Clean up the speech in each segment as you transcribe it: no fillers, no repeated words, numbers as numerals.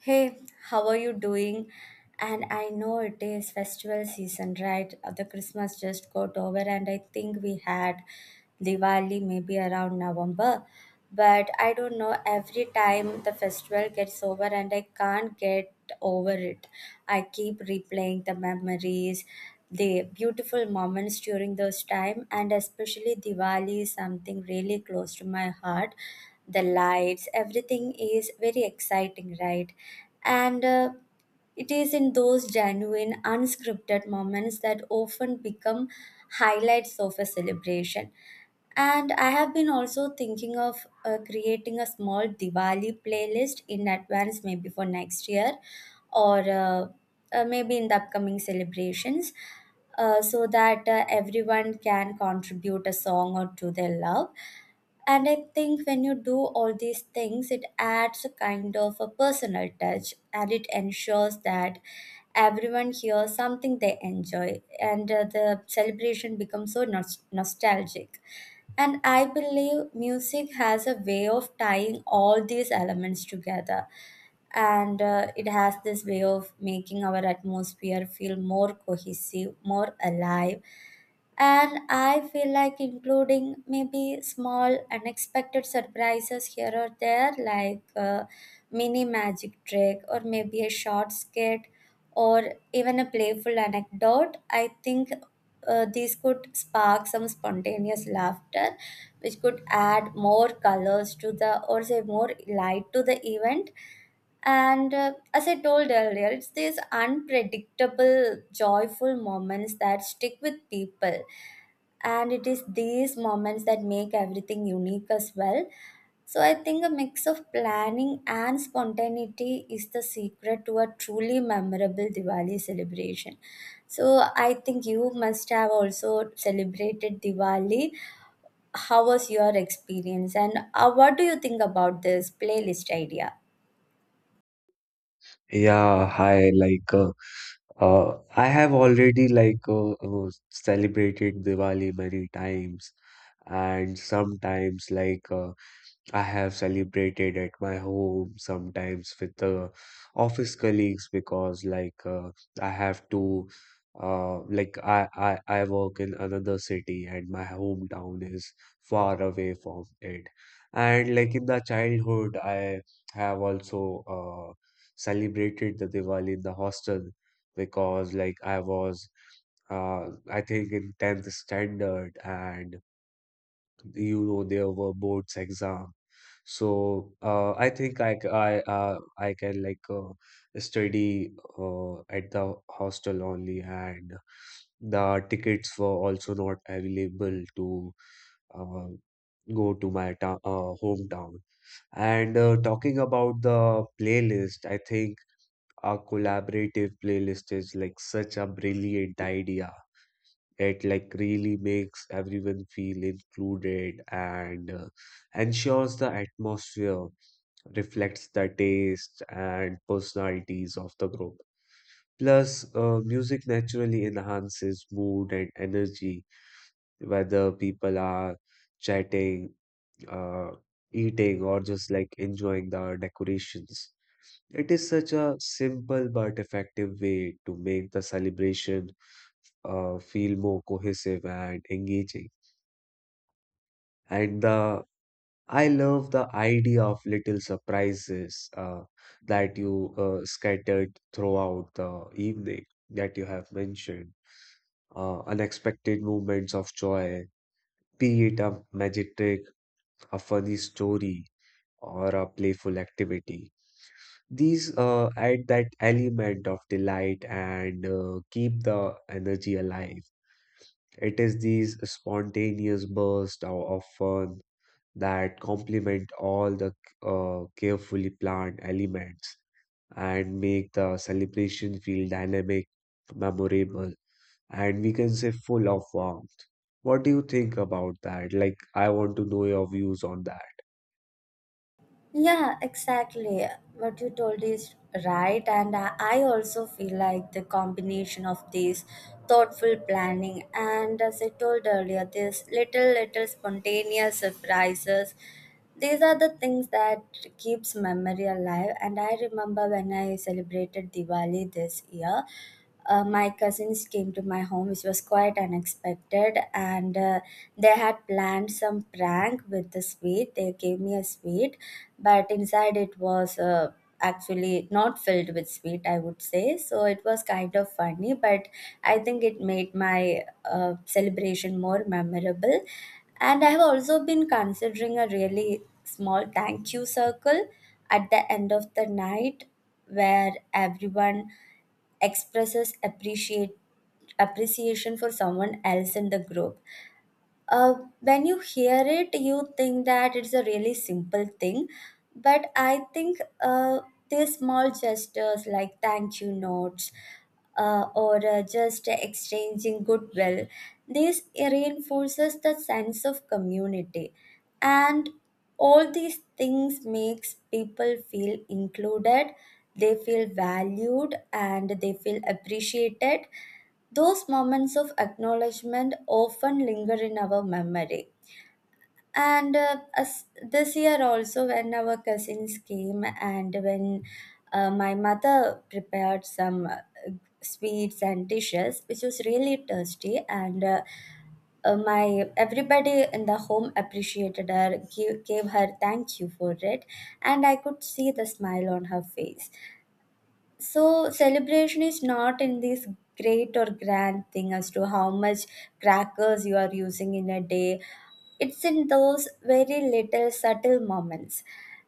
Hey, how are you doing? And I know it is festival season, right? The Christmas just got over, and I think we had Diwali maybe around November. But I don't know, every time the festival gets over, and I can't get over it. I keep replaying the memories, the beautiful moments during those time, and especially Diwali is something really close to my heart, the lights, everything is very exciting, right? And It is in those genuine, unscripted moments that often become highlights of a celebration. And I have been also thinking of creating a small Diwali playlist in advance, maybe for next year or maybe in the upcoming celebrations, so that everyone can contribute a song or two they love. And I think when you do all these things, it adds a kind of a personal touch, and it ensures that everyone hears something they enjoy. And The celebration becomes so nostalgic, and I believe music has a way of tying all these elements together. And It has this way of making our atmosphere feel more cohesive, more alive. And I feel like including maybe small unexpected surprises here or there, like a mini magic trick, or maybe a short skit, or even a playful anecdote. I think these could spark some spontaneous laughter, which could add more colors to the, or say more light to the event. And As I told earlier, it's these unpredictable, joyful moments that stick with people. And it is these moments that make everything unique as well. So I think a mix of planning and spontaneity is the secret to a truly memorable Diwali celebration. So I think you must have also celebrated Diwali. How was your experience, and what do you think about this playlist idea? Yeah, hi. Like, I have already like celebrated Diwali many times, and sometimes like I have celebrated at my home sometimes with the office colleagues because like I have to I work in another city and my hometown is far away from it. And like in the childhood, I have also celebrated the Diwali in the hostel because like I was I think in 10th standard, and you know there were boards exam, so I think I c- I can like study at the hostel only, and the tickets were also not available to uh, go to my hometown. And talking about the playlist, I think a collaborative playlist is like such a brilliant idea. It like really makes everyone feel included and ensures the atmosphere reflects the taste and personalities of the group. Plus, music naturally enhances mood and energy, whether people are chatting, uh, eating, or just like enjoying the decorations. It is such a simple but effective way to make the celebration feel more cohesive and engaging. And the I love the idea of little surprises that you scattered throughout the evening that you have mentioned. Unexpected moments of joy, be it a magic, trick, a funny story, or a playful activity. These add that element of delight and keep the energy alive. It is these spontaneous bursts of fun that complement all the carefully planned elements and make the celebration feel dynamic, memorable, and we can say full of warmth. What do you think about that? Like, I want to know your views on that. Yeah, exactly. What you told is right, and I also feel like the combination of this thoughtful planning and, as I told earlier, these little, little spontaneous surprises. These are the things that keeps memory alive. And I remember when I celebrated Diwali this year, my cousins came to my home, which was quite unexpected, and they had planned some prank with the sweet. They gave me a sweet, but inside it was, actually not filled with sweet, I would say. So it was kind of funny, but I think it made my celebration more memorable. And I have also been considering a really small thank you circle at the end of the night, where everyone expresses appreciate appreciation for someone else in the group. uh, when you hear it, you think that it's a really simple thing. But I think these small gestures like thank you notes, or just exchanging goodwill, this reinforces the sense of community. And all these things makes people feel included, they feel valued, and they feel appreciated. Those moments of acknowledgement often linger in our memory. And As this year also, when our cousins came and when my mother prepared some sweets and dishes which was really tasty, and my everybody in the home appreciated her, gave her thank you for it, and I could see the smile on her face. So celebration is not in this great or grand thing as to how much crackers you are using in a day. It's in those very little subtle moments.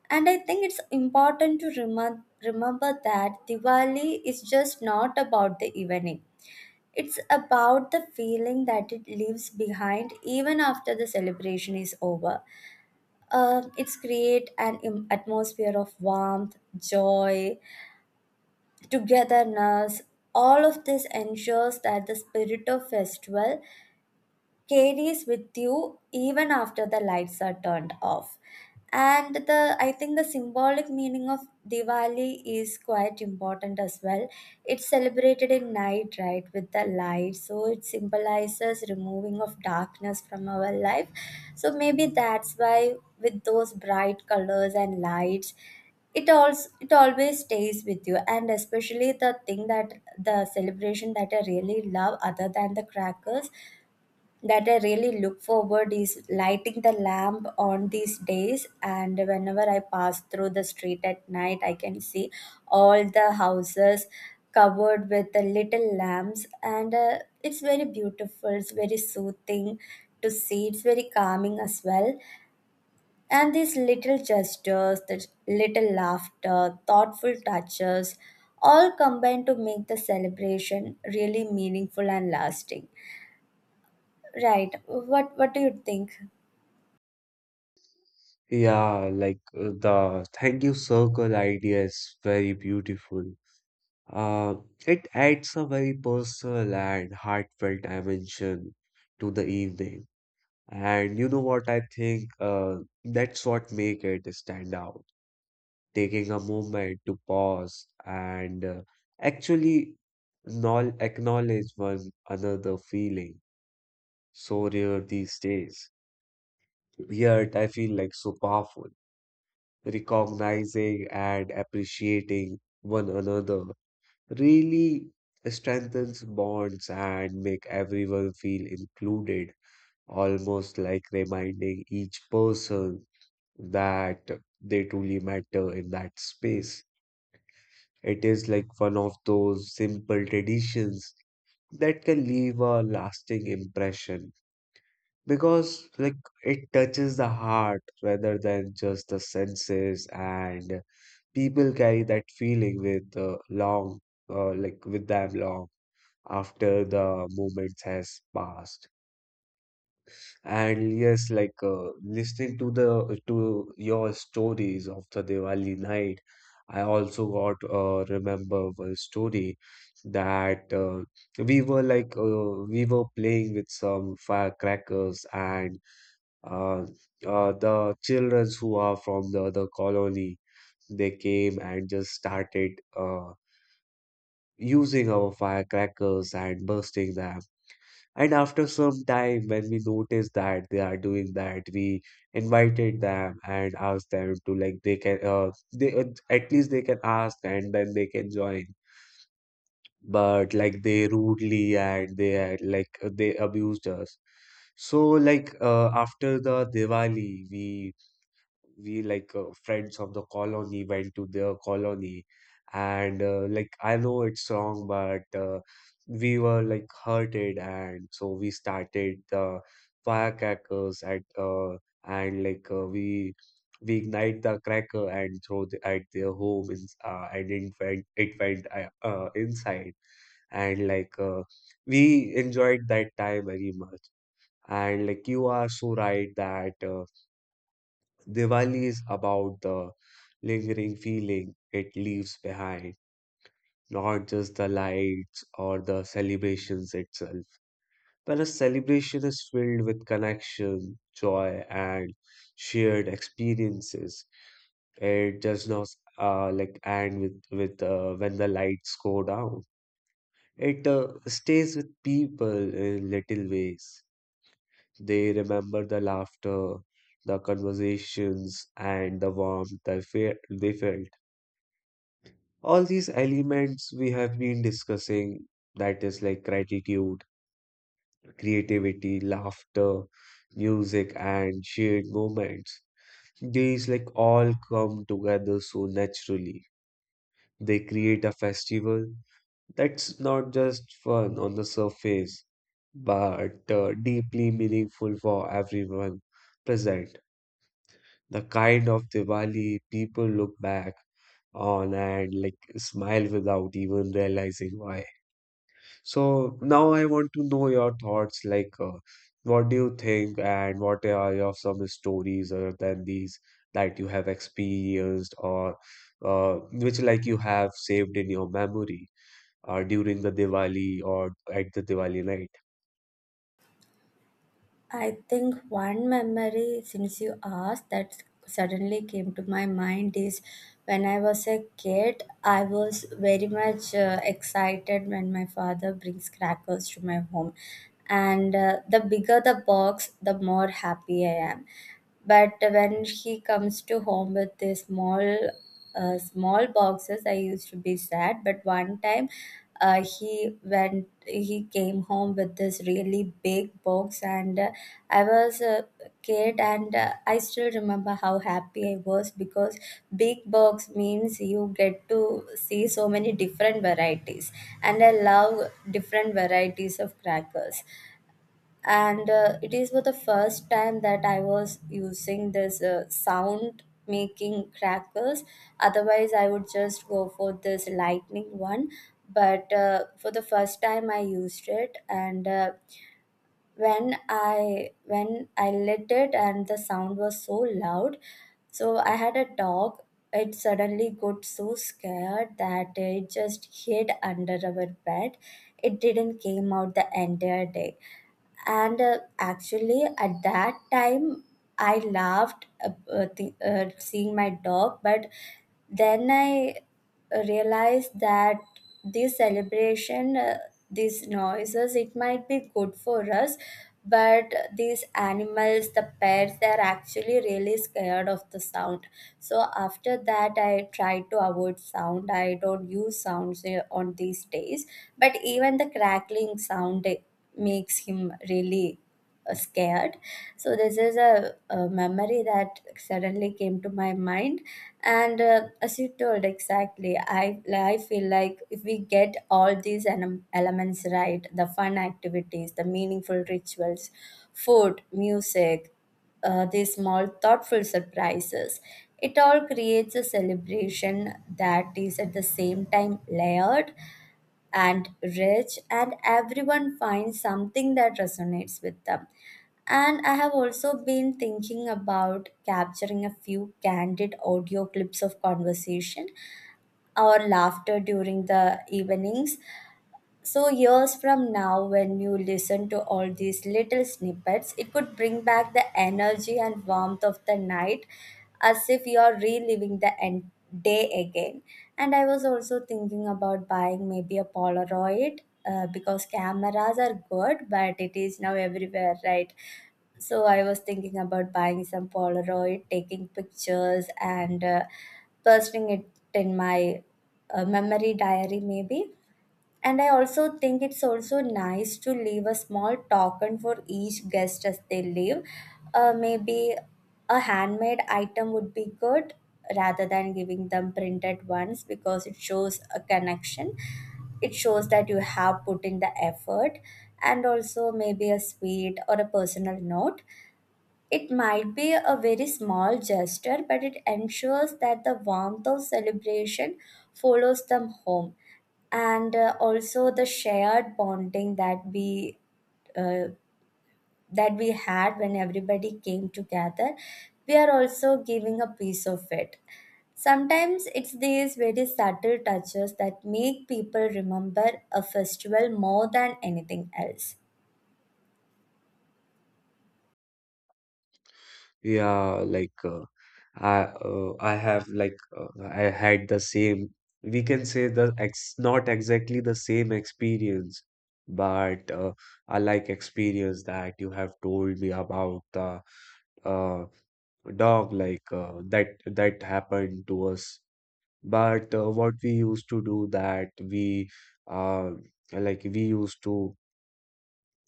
And I think it's important to remember that Diwali is just not about the evening. It's about the feeling that it leaves behind, even after the celebration is over. It's create an atmosphere of warmth, joy, togetherness. All of this ensures that the spirit of festival carries with you even after the lights are turned off. And the I think the symbolic meaning of Diwali is quite important as well. It's celebrated in night, right, with the light, so it symbolizes removing of darkness from our life. So maybe that's why, with those bright colors and lights, it always stays with you. And especially the thing that the celebration that I really love other than the crackers, that I really look forward, is lighting the lamp on these days. And whenever I pass through the street at night, I can see all the houses covered with the little lamps, and it's very beautiful. It's very soothing to see. It's very calming as well. And these little gestures, the little laughter, thoughtful touches, all combine to make the celebration really meaningful and lasting. Right. What do you think? Yeah, like the thank you circle idea is very beautiful. Uh, it adds a very personal and heartfelt dimension to the evening. And you know what I think? That's what make it stand out. Taking a moment to pause and actually acknowledge one another feeling. So rare these days. Yet I feel like so powerful. Recognizing and appreciating one another really strengthens bonds and make everyone feel included, almost like reminding each person that they truly matter in that space. It is like one of those simple traditions that can leave a lasting impression because like it touches the heart rather than just the senses, and people carry that feeling with long like with them long after the moments has passed. And yes, like listening to the to your stories of the Diwali night, I also got remember one story that we were playing with some firecrackers, and uh, the children who are from the other colony, they came and just started uh, using our firecrackers and bursting them. And after some time, when we noticed that they are doing that, we invited them and asked them to, like, they can they at least they can ask and then they can join. But like they rudely, and they had like they abused us. So like after the Diwali, we friends of the colony went to their colony, and like I know it's wrong, but we were like hurted, and so we started the firecrackers at and like we ignite the cracker and throw at their home in, and it went inside. And like we enjoyed that time very much. And like you are so right that Diwali is about the lingering feeling it leaves behind, not just the lights or the celebrations itself. When a celebration is filled with connection, joy, and shared experiences, it does not like end with when the lights go down. It stays with people in little ways. They remember the laughter, the conversations, and the warmth they they felt. All these elements we have been discussing, that is like gratitude, creativity, laughter, music, and shared moments. These like all come together so naturally. They create a festival that's not just fun on the surface, but deeply meaningful for everyone present. The kind of Diwali people look back on and like smile without even realizing why. So now I want to know your thoughts. Like, what do you think, and what are your some stories other than these that you have experienced or which, like, you have saved in your memory during the Diwali or at the Diwali night? I think one memory, since you asked, that suddenly came to my mind is when I was a kid, I was very much excited when my father brings crackers to my home. And The bigger the box, the more happy I am, but when he comes to home with these small, small boxes, I used to be sad. But one time, he came home with this really big box, and I was a kid, and I still remember how happy I was, because big box means you get to see so many different varieties, and I love different varieties of crackers. And It is for the first time that I was using this sound making crackers. Otherwise I would just go for this lightning one. But for the first time I used it, and when I lit it, and the sound was so loud, so I had a dog, it suddenly got so scared that it just hid under our bed. It didn't came out the entire day. And Actually at that time I laughed, seeing my dog. But then I realized that this celebration, these noises, it might be good for us, but these animals, the pets, they're actually really scared of the sound. So after that I try to avoid sound, I don't use sounds on these days. But even the crackling sound makes him really scared. So this is a memory that suddenly came to my mind. And As you told, exactly, I feel like if we get all these elements right, the fun activities, the meaningful rituals, food, music, these small thoughtful surprises, it all creates a celebration that is at the same time layered and rich, and everyone finds something that resonates with them. And I have also been thinking about capturing a few candid audio clips of conversation or laughter during the evenings. So years from now, when you listen to all these little snippets, it could bring back the energy and warmth of the night, as if you are reliving the day again. And I was also thinking about buying maybe a Polaroid, because cameras are good, but it is now everywhere, right? So I was thinking about buying some Polaroid, taking pictures, and posting it in my memory diary, maybe. And I also think it's also nice to leave a small token for each guest as they leave. Maybe a handmade item would be good, rather than giving them printed ones, because it shows a connection. It shows that you have put in the effort, and also maybe a sweet or a personal note. It might be a very small gesture, but it ensures that the warmth of celebration follows them home. And also the shared bonding that we uh, that we had, when everybody came together, we are also giving a piece of it. Sometimes it's these very subtle touches that make people remember a festival more than anything else. Yeah, like I have like I had the same, we can say, the ex not exactly the same experience, but I like experience that you have told me about the uh, dog, like that happened to us. But what we used to do, that uh, we used to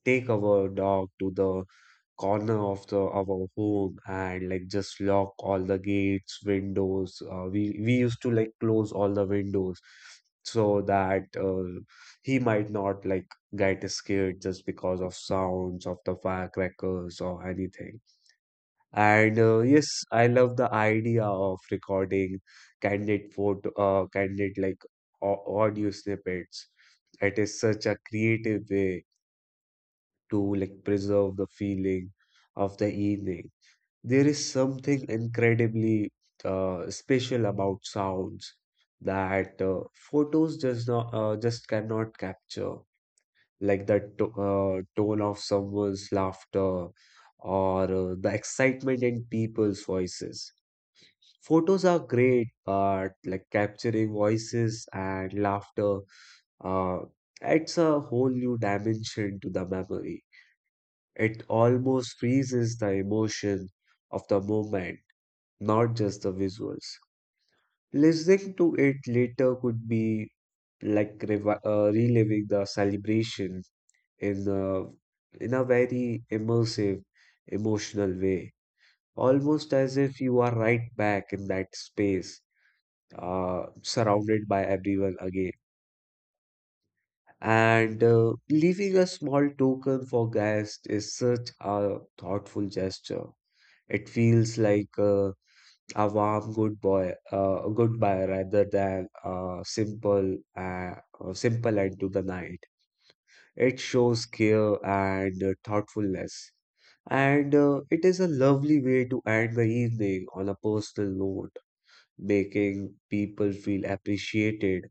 take our dog to the corner of the our home and like just lock all the gates, windows. We used to like close all the windows so that he might not like get scared just because of sounds of the firecrackers or anything. And yes, I love the idea of recording candid like audio snippets. It is such a creative way to like preserve the feeling of the evening. There is something incredibly special about sounds that photos just cannot capture, like the to tone of someone's laughter or the excitement in people's voices. Photos are great, but like capturing voices and laughter uh, adds a whole new dimension to the memory. It almost freezes the emotion of the moment, not just the visuals. Listening to it later could be like reliving the celebration in a very immersive, emotional way, almost as if you are right back in that space, surrounded by everyone again. And leaving a small token for guests is such a thoughtful gesture. It feels like a warm good boy, a goodbye rather than simple end to the night. It shows care and thoughtfulness, and it is a lovely way to end the evening on a personal note, making people feel appreciated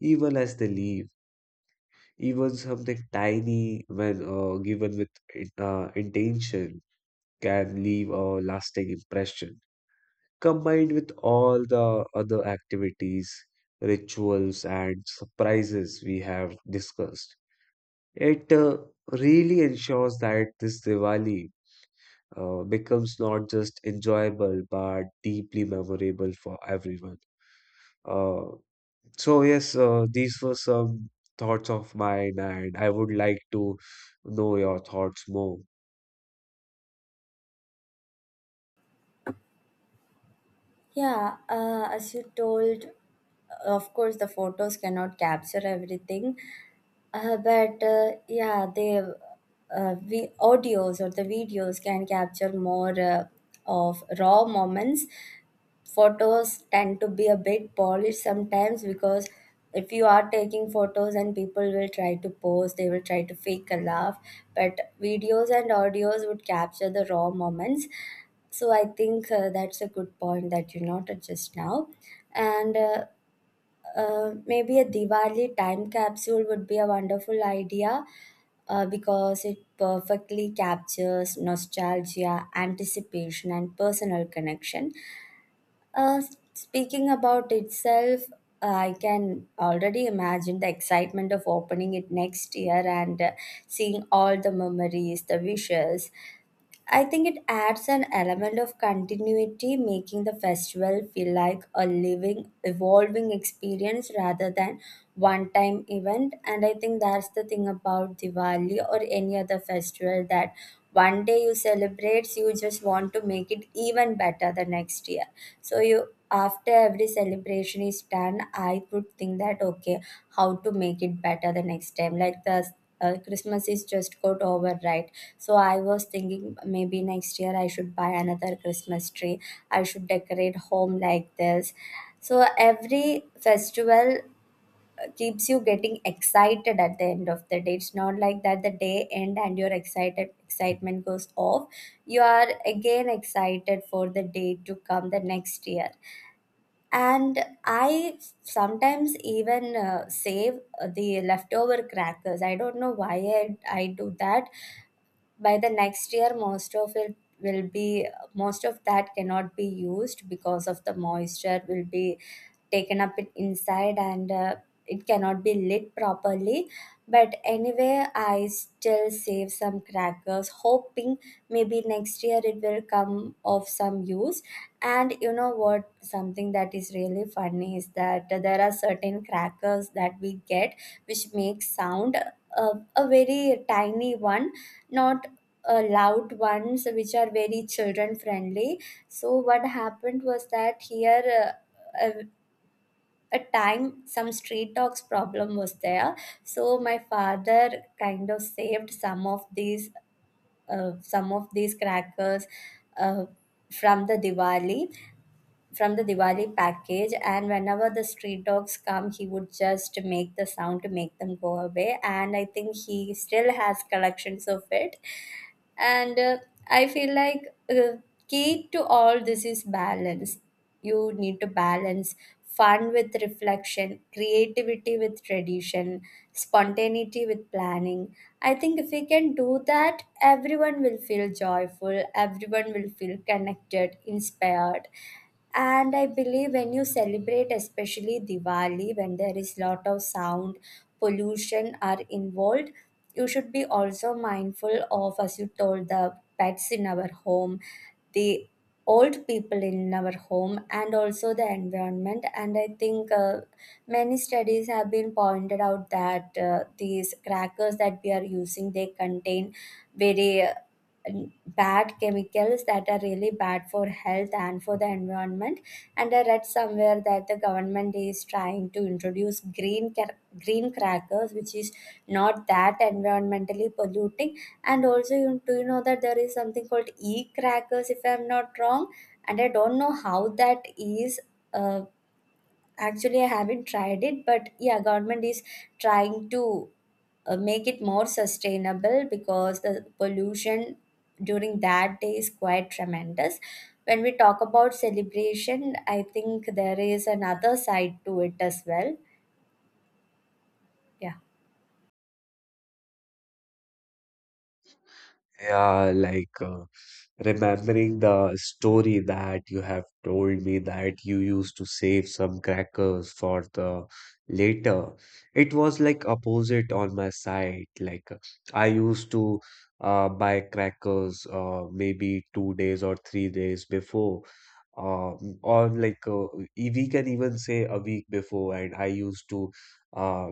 even as they leave. Even something tiny, when given with intention, can leave a lasting impression, combined with all the other activities, rituals, and surprises we have discussed. It really ensures that this Diwali becomes not just enjoyable but deeply memorable for everyone. Uh, so, yes, these were some thoughts of mine, and I would like to know your thoughts more. Yeah, as you told, of course, the photos cannot capture everything, but yeah, they, audios or the videos can capture more of raw moments. Photos tend to be a bit polished sometimes, because if you are taking photos and people will try to pose, they will try to fake a laugh, but videos and audios would capture the raw moments. So I think that's a good point that you noted just now. And maybe a Diwali time capsule would be a wonderful idea, because it perfectly captures nostalgia, anticipation, and personal connection. Uh, Speaking about itself, I can already imagine the excitement of opening it next year, and seeing all the memories, the wishes. I think it adds an element of continuity, making the festival feel like a living, evolving experience rather than one time event. And I think that's the thing about Diwali or any other festival, that one day you celebrate, you just want to make it even better the next year. So you, after every celebration is done, I would think that, okay, how to make it better the next time. Like the Christmas is just got over, right? So I was thinking maybe next year I should buy another Christmas tree. I should decorate home like this. So every festival keeps you getting excited at the end of the day. It's not like that the day end and your excited excitement goes off. You are again excited for the day to come the next year and I sometimes even save the leftover crackers. I don't know why I do that. By the next year most of it will be most of that cannot be used because of the moisture will be taken up it inside, and it cannot be lit properly. But anyway, I still save some crackers, hoping maybe next year it will come of some use. And you know what, something that is really funny is that there are certain crackers that we get which make sound, a very tiny one, not loud ones, which are very children friendly. So what happened was that here, uh, uh, a time some street dogs problem was there. So my father kind of saved some of these crackers uh, from the diwali from the Diwali package, and whenever the street dogs come, he would just make the sound to make them go away. And I think he still has collections of it. And I feel like key to all this is balance. You need to balance fun with reflection, creativity with tradition, spontaneity with planning. I think if we can do that, everyone will feel joyful, everyone will feel connected, inspired. And I believe when you celebrate, especially Diwali, when there is lot of sound pollution are involved, you should be also mindful of, as you told, the pets in our home, the old people in our home, and also the environment. And I think many studies have been pointed out that these crackers that we are using, they contain very bad chemicals that are really bad for health and for the environment. And I read somewhere that the government is trying to introduce green crackers, which is not that environmentally polluting. And also, you do you know that there is something called e crackers, if I'm not wrong. And I don't know how that is. uh, Actually, I haven't tried it, but yeah, government is trying to make it more sustainable because the pollution during that day is quite tremendous. When we talk about celebration, I think there is another side to it as well. Yeah. Yeah, like remembering the story that you have told me that you used to save some crackers for the later. It was like opposite on my side. Like I used to buy crackers maybe 2 days or 3 days before, uh, or like we can even say a week before, and I used to uh,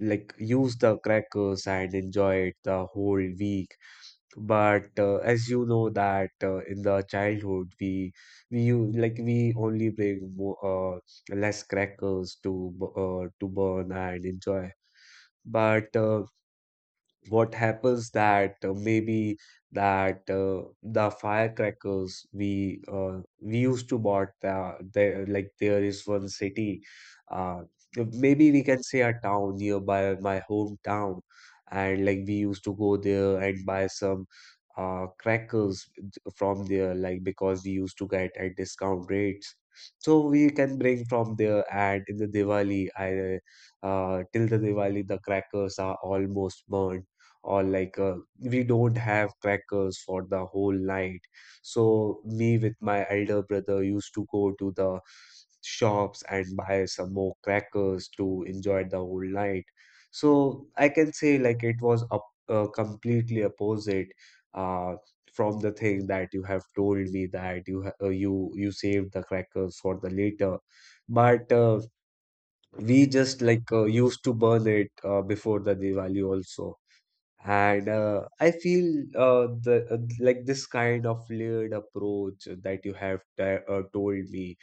like use the crackers and enjoy it the whole week. But as you know that in the childhood, we u- like we only bring uh, less crackers to burn and enjoy. But what happens that maybe that the firecrackers we used to bought the like there is one city, uh, maybe we can say, a town nearby my hometown, and like we used to go there and buy some crackers from there, like because we used to get at discount rates, so we can bring from there. And in the Diwali I till the Diwali the crackers are almost burnt or like we don't have crackers for the whole night. So me with my elder brother used to go to the shops and buy some more crackers to enjoy the whole night. So I can say like it was completely opposite uh, from the thing that you have told me, that you ha- you you saved the crackers for the later. But we just like used to burn it before the Diwali also. And I feel the like this kind of layered approach that you have t told me,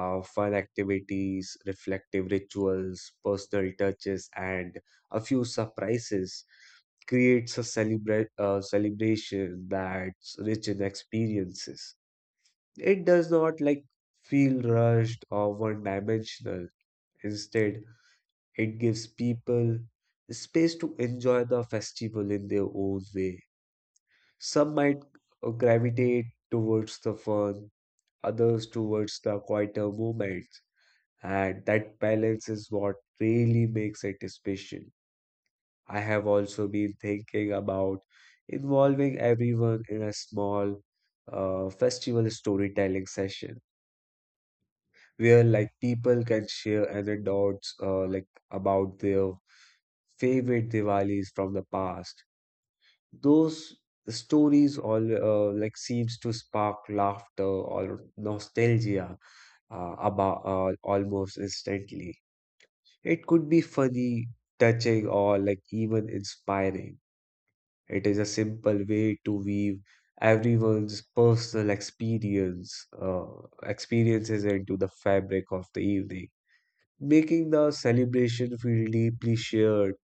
fun activities, reflective rituals, personal touches, and a few surprises creates a celebration that's rich in experiences. It does not like feel rushed or one-dimensional. Instead, it gives people space to enjoy the festival in their own way. Some might gravitate towards the fun, others towards the quieter moments, and that balance is what really makes it special. I have also been thinking about involving everyone in a small festival storytelling session where, like, people can share anecdotes like about their favorite Diwalis from the past. Those stories all like seems to spark laughter or nostalgia about almost instantly. It could be funny, touching, or like even inspiring. It is a simple way to weave everyone's personal experiences into the fabric of the evening, making the celebration feel deeply shared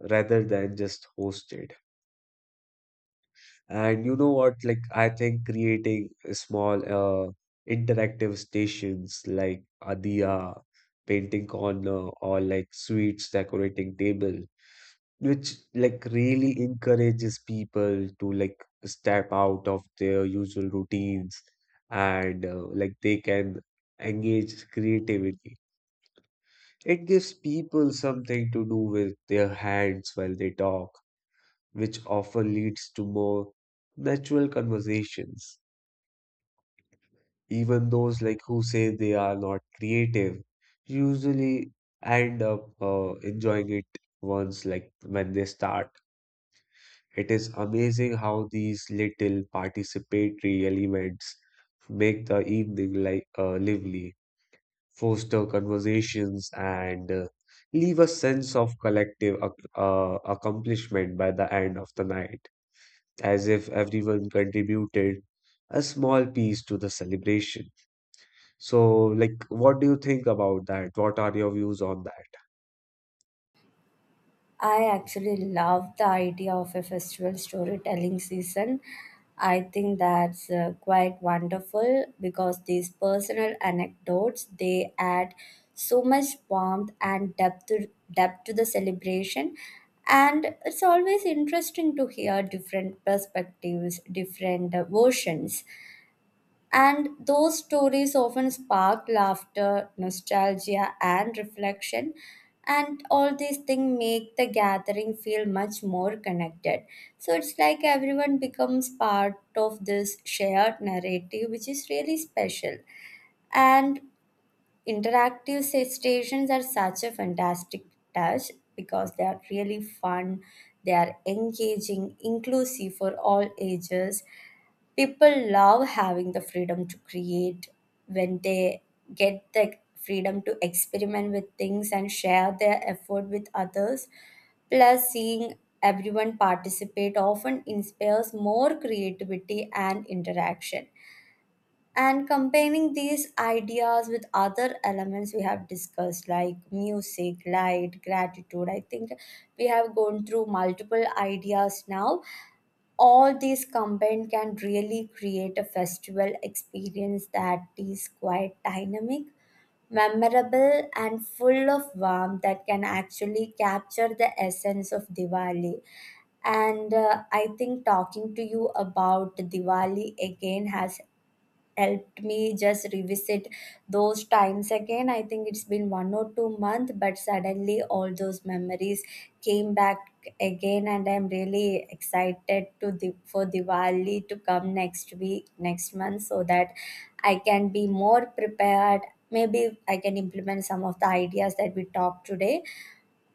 rather than just hosted. And you know what? Like, I think creating small interactive stations like Adia, painting corner, or like sweets decorating table, which like really encourages people to, like, step out of their usual routines, and like they can engage creativity. It gives people something to do with their hands while they talk, which often leads to more natural conversations. Even those like who say they are not creative usually end up enjoying it once, like, when they start. It is amazing how these little participatory elements make the evening like lively, foster conversations, and leave a sense of collective ac accomplishment by the end of the night, as if everyone contributed a small piece to the celebration. So, like, what do you think about that? What are your views on that? I actually love the idea of a festival storytelling season. I think that's quite wonderful because these personal anecdotes, they add so much warmth and depth to, depth to the celebration. And it's always interesting to hear different perspectives, different versions. And those stories often spark laughter, nostalgia, and reflection. And all these things make the gathering feel much more connected. So it's like everyone becomes part of this shared narrative, which is really special. And interactive stations are such a fantastic touch because they are really fun, they are engaging, inclusive for all ages. People love having the freedom to create when they get the freedom to experiment with things and share their effort with others. Plus, seeing everyone participate often inspires more creativity and interaction. And comparing these ideas with other elements we have discussed, like music, light, gratitude, I think we have gone through multiple ideas now. All these combined can really create a festival experience that is quite dynamic, memorable, and full of warmth that can actually capture the essence of Diwali. And I think talking to you about Diwali again has helped me just revisit those times again. I think it's been one or two months, but suddenly all those memories came back again, and I'm really excited to for Diwali to come next week, next month, so that I can be more prepared. Maybe I can implement some of the ideas that we talked today.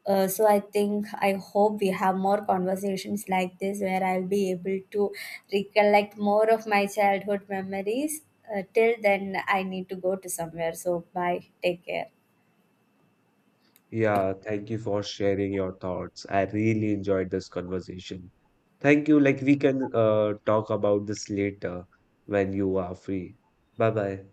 So I think I hope we have more conversations like this where I'll be able to recollect more of my childhood memories. Till then, I need to go to somewhere. So bye. Take care. Yeah, thank you for sharing your thoughts. I really enjoyed this conversation. Thank you. Like, we can talk about this later when you are free. Bye bye.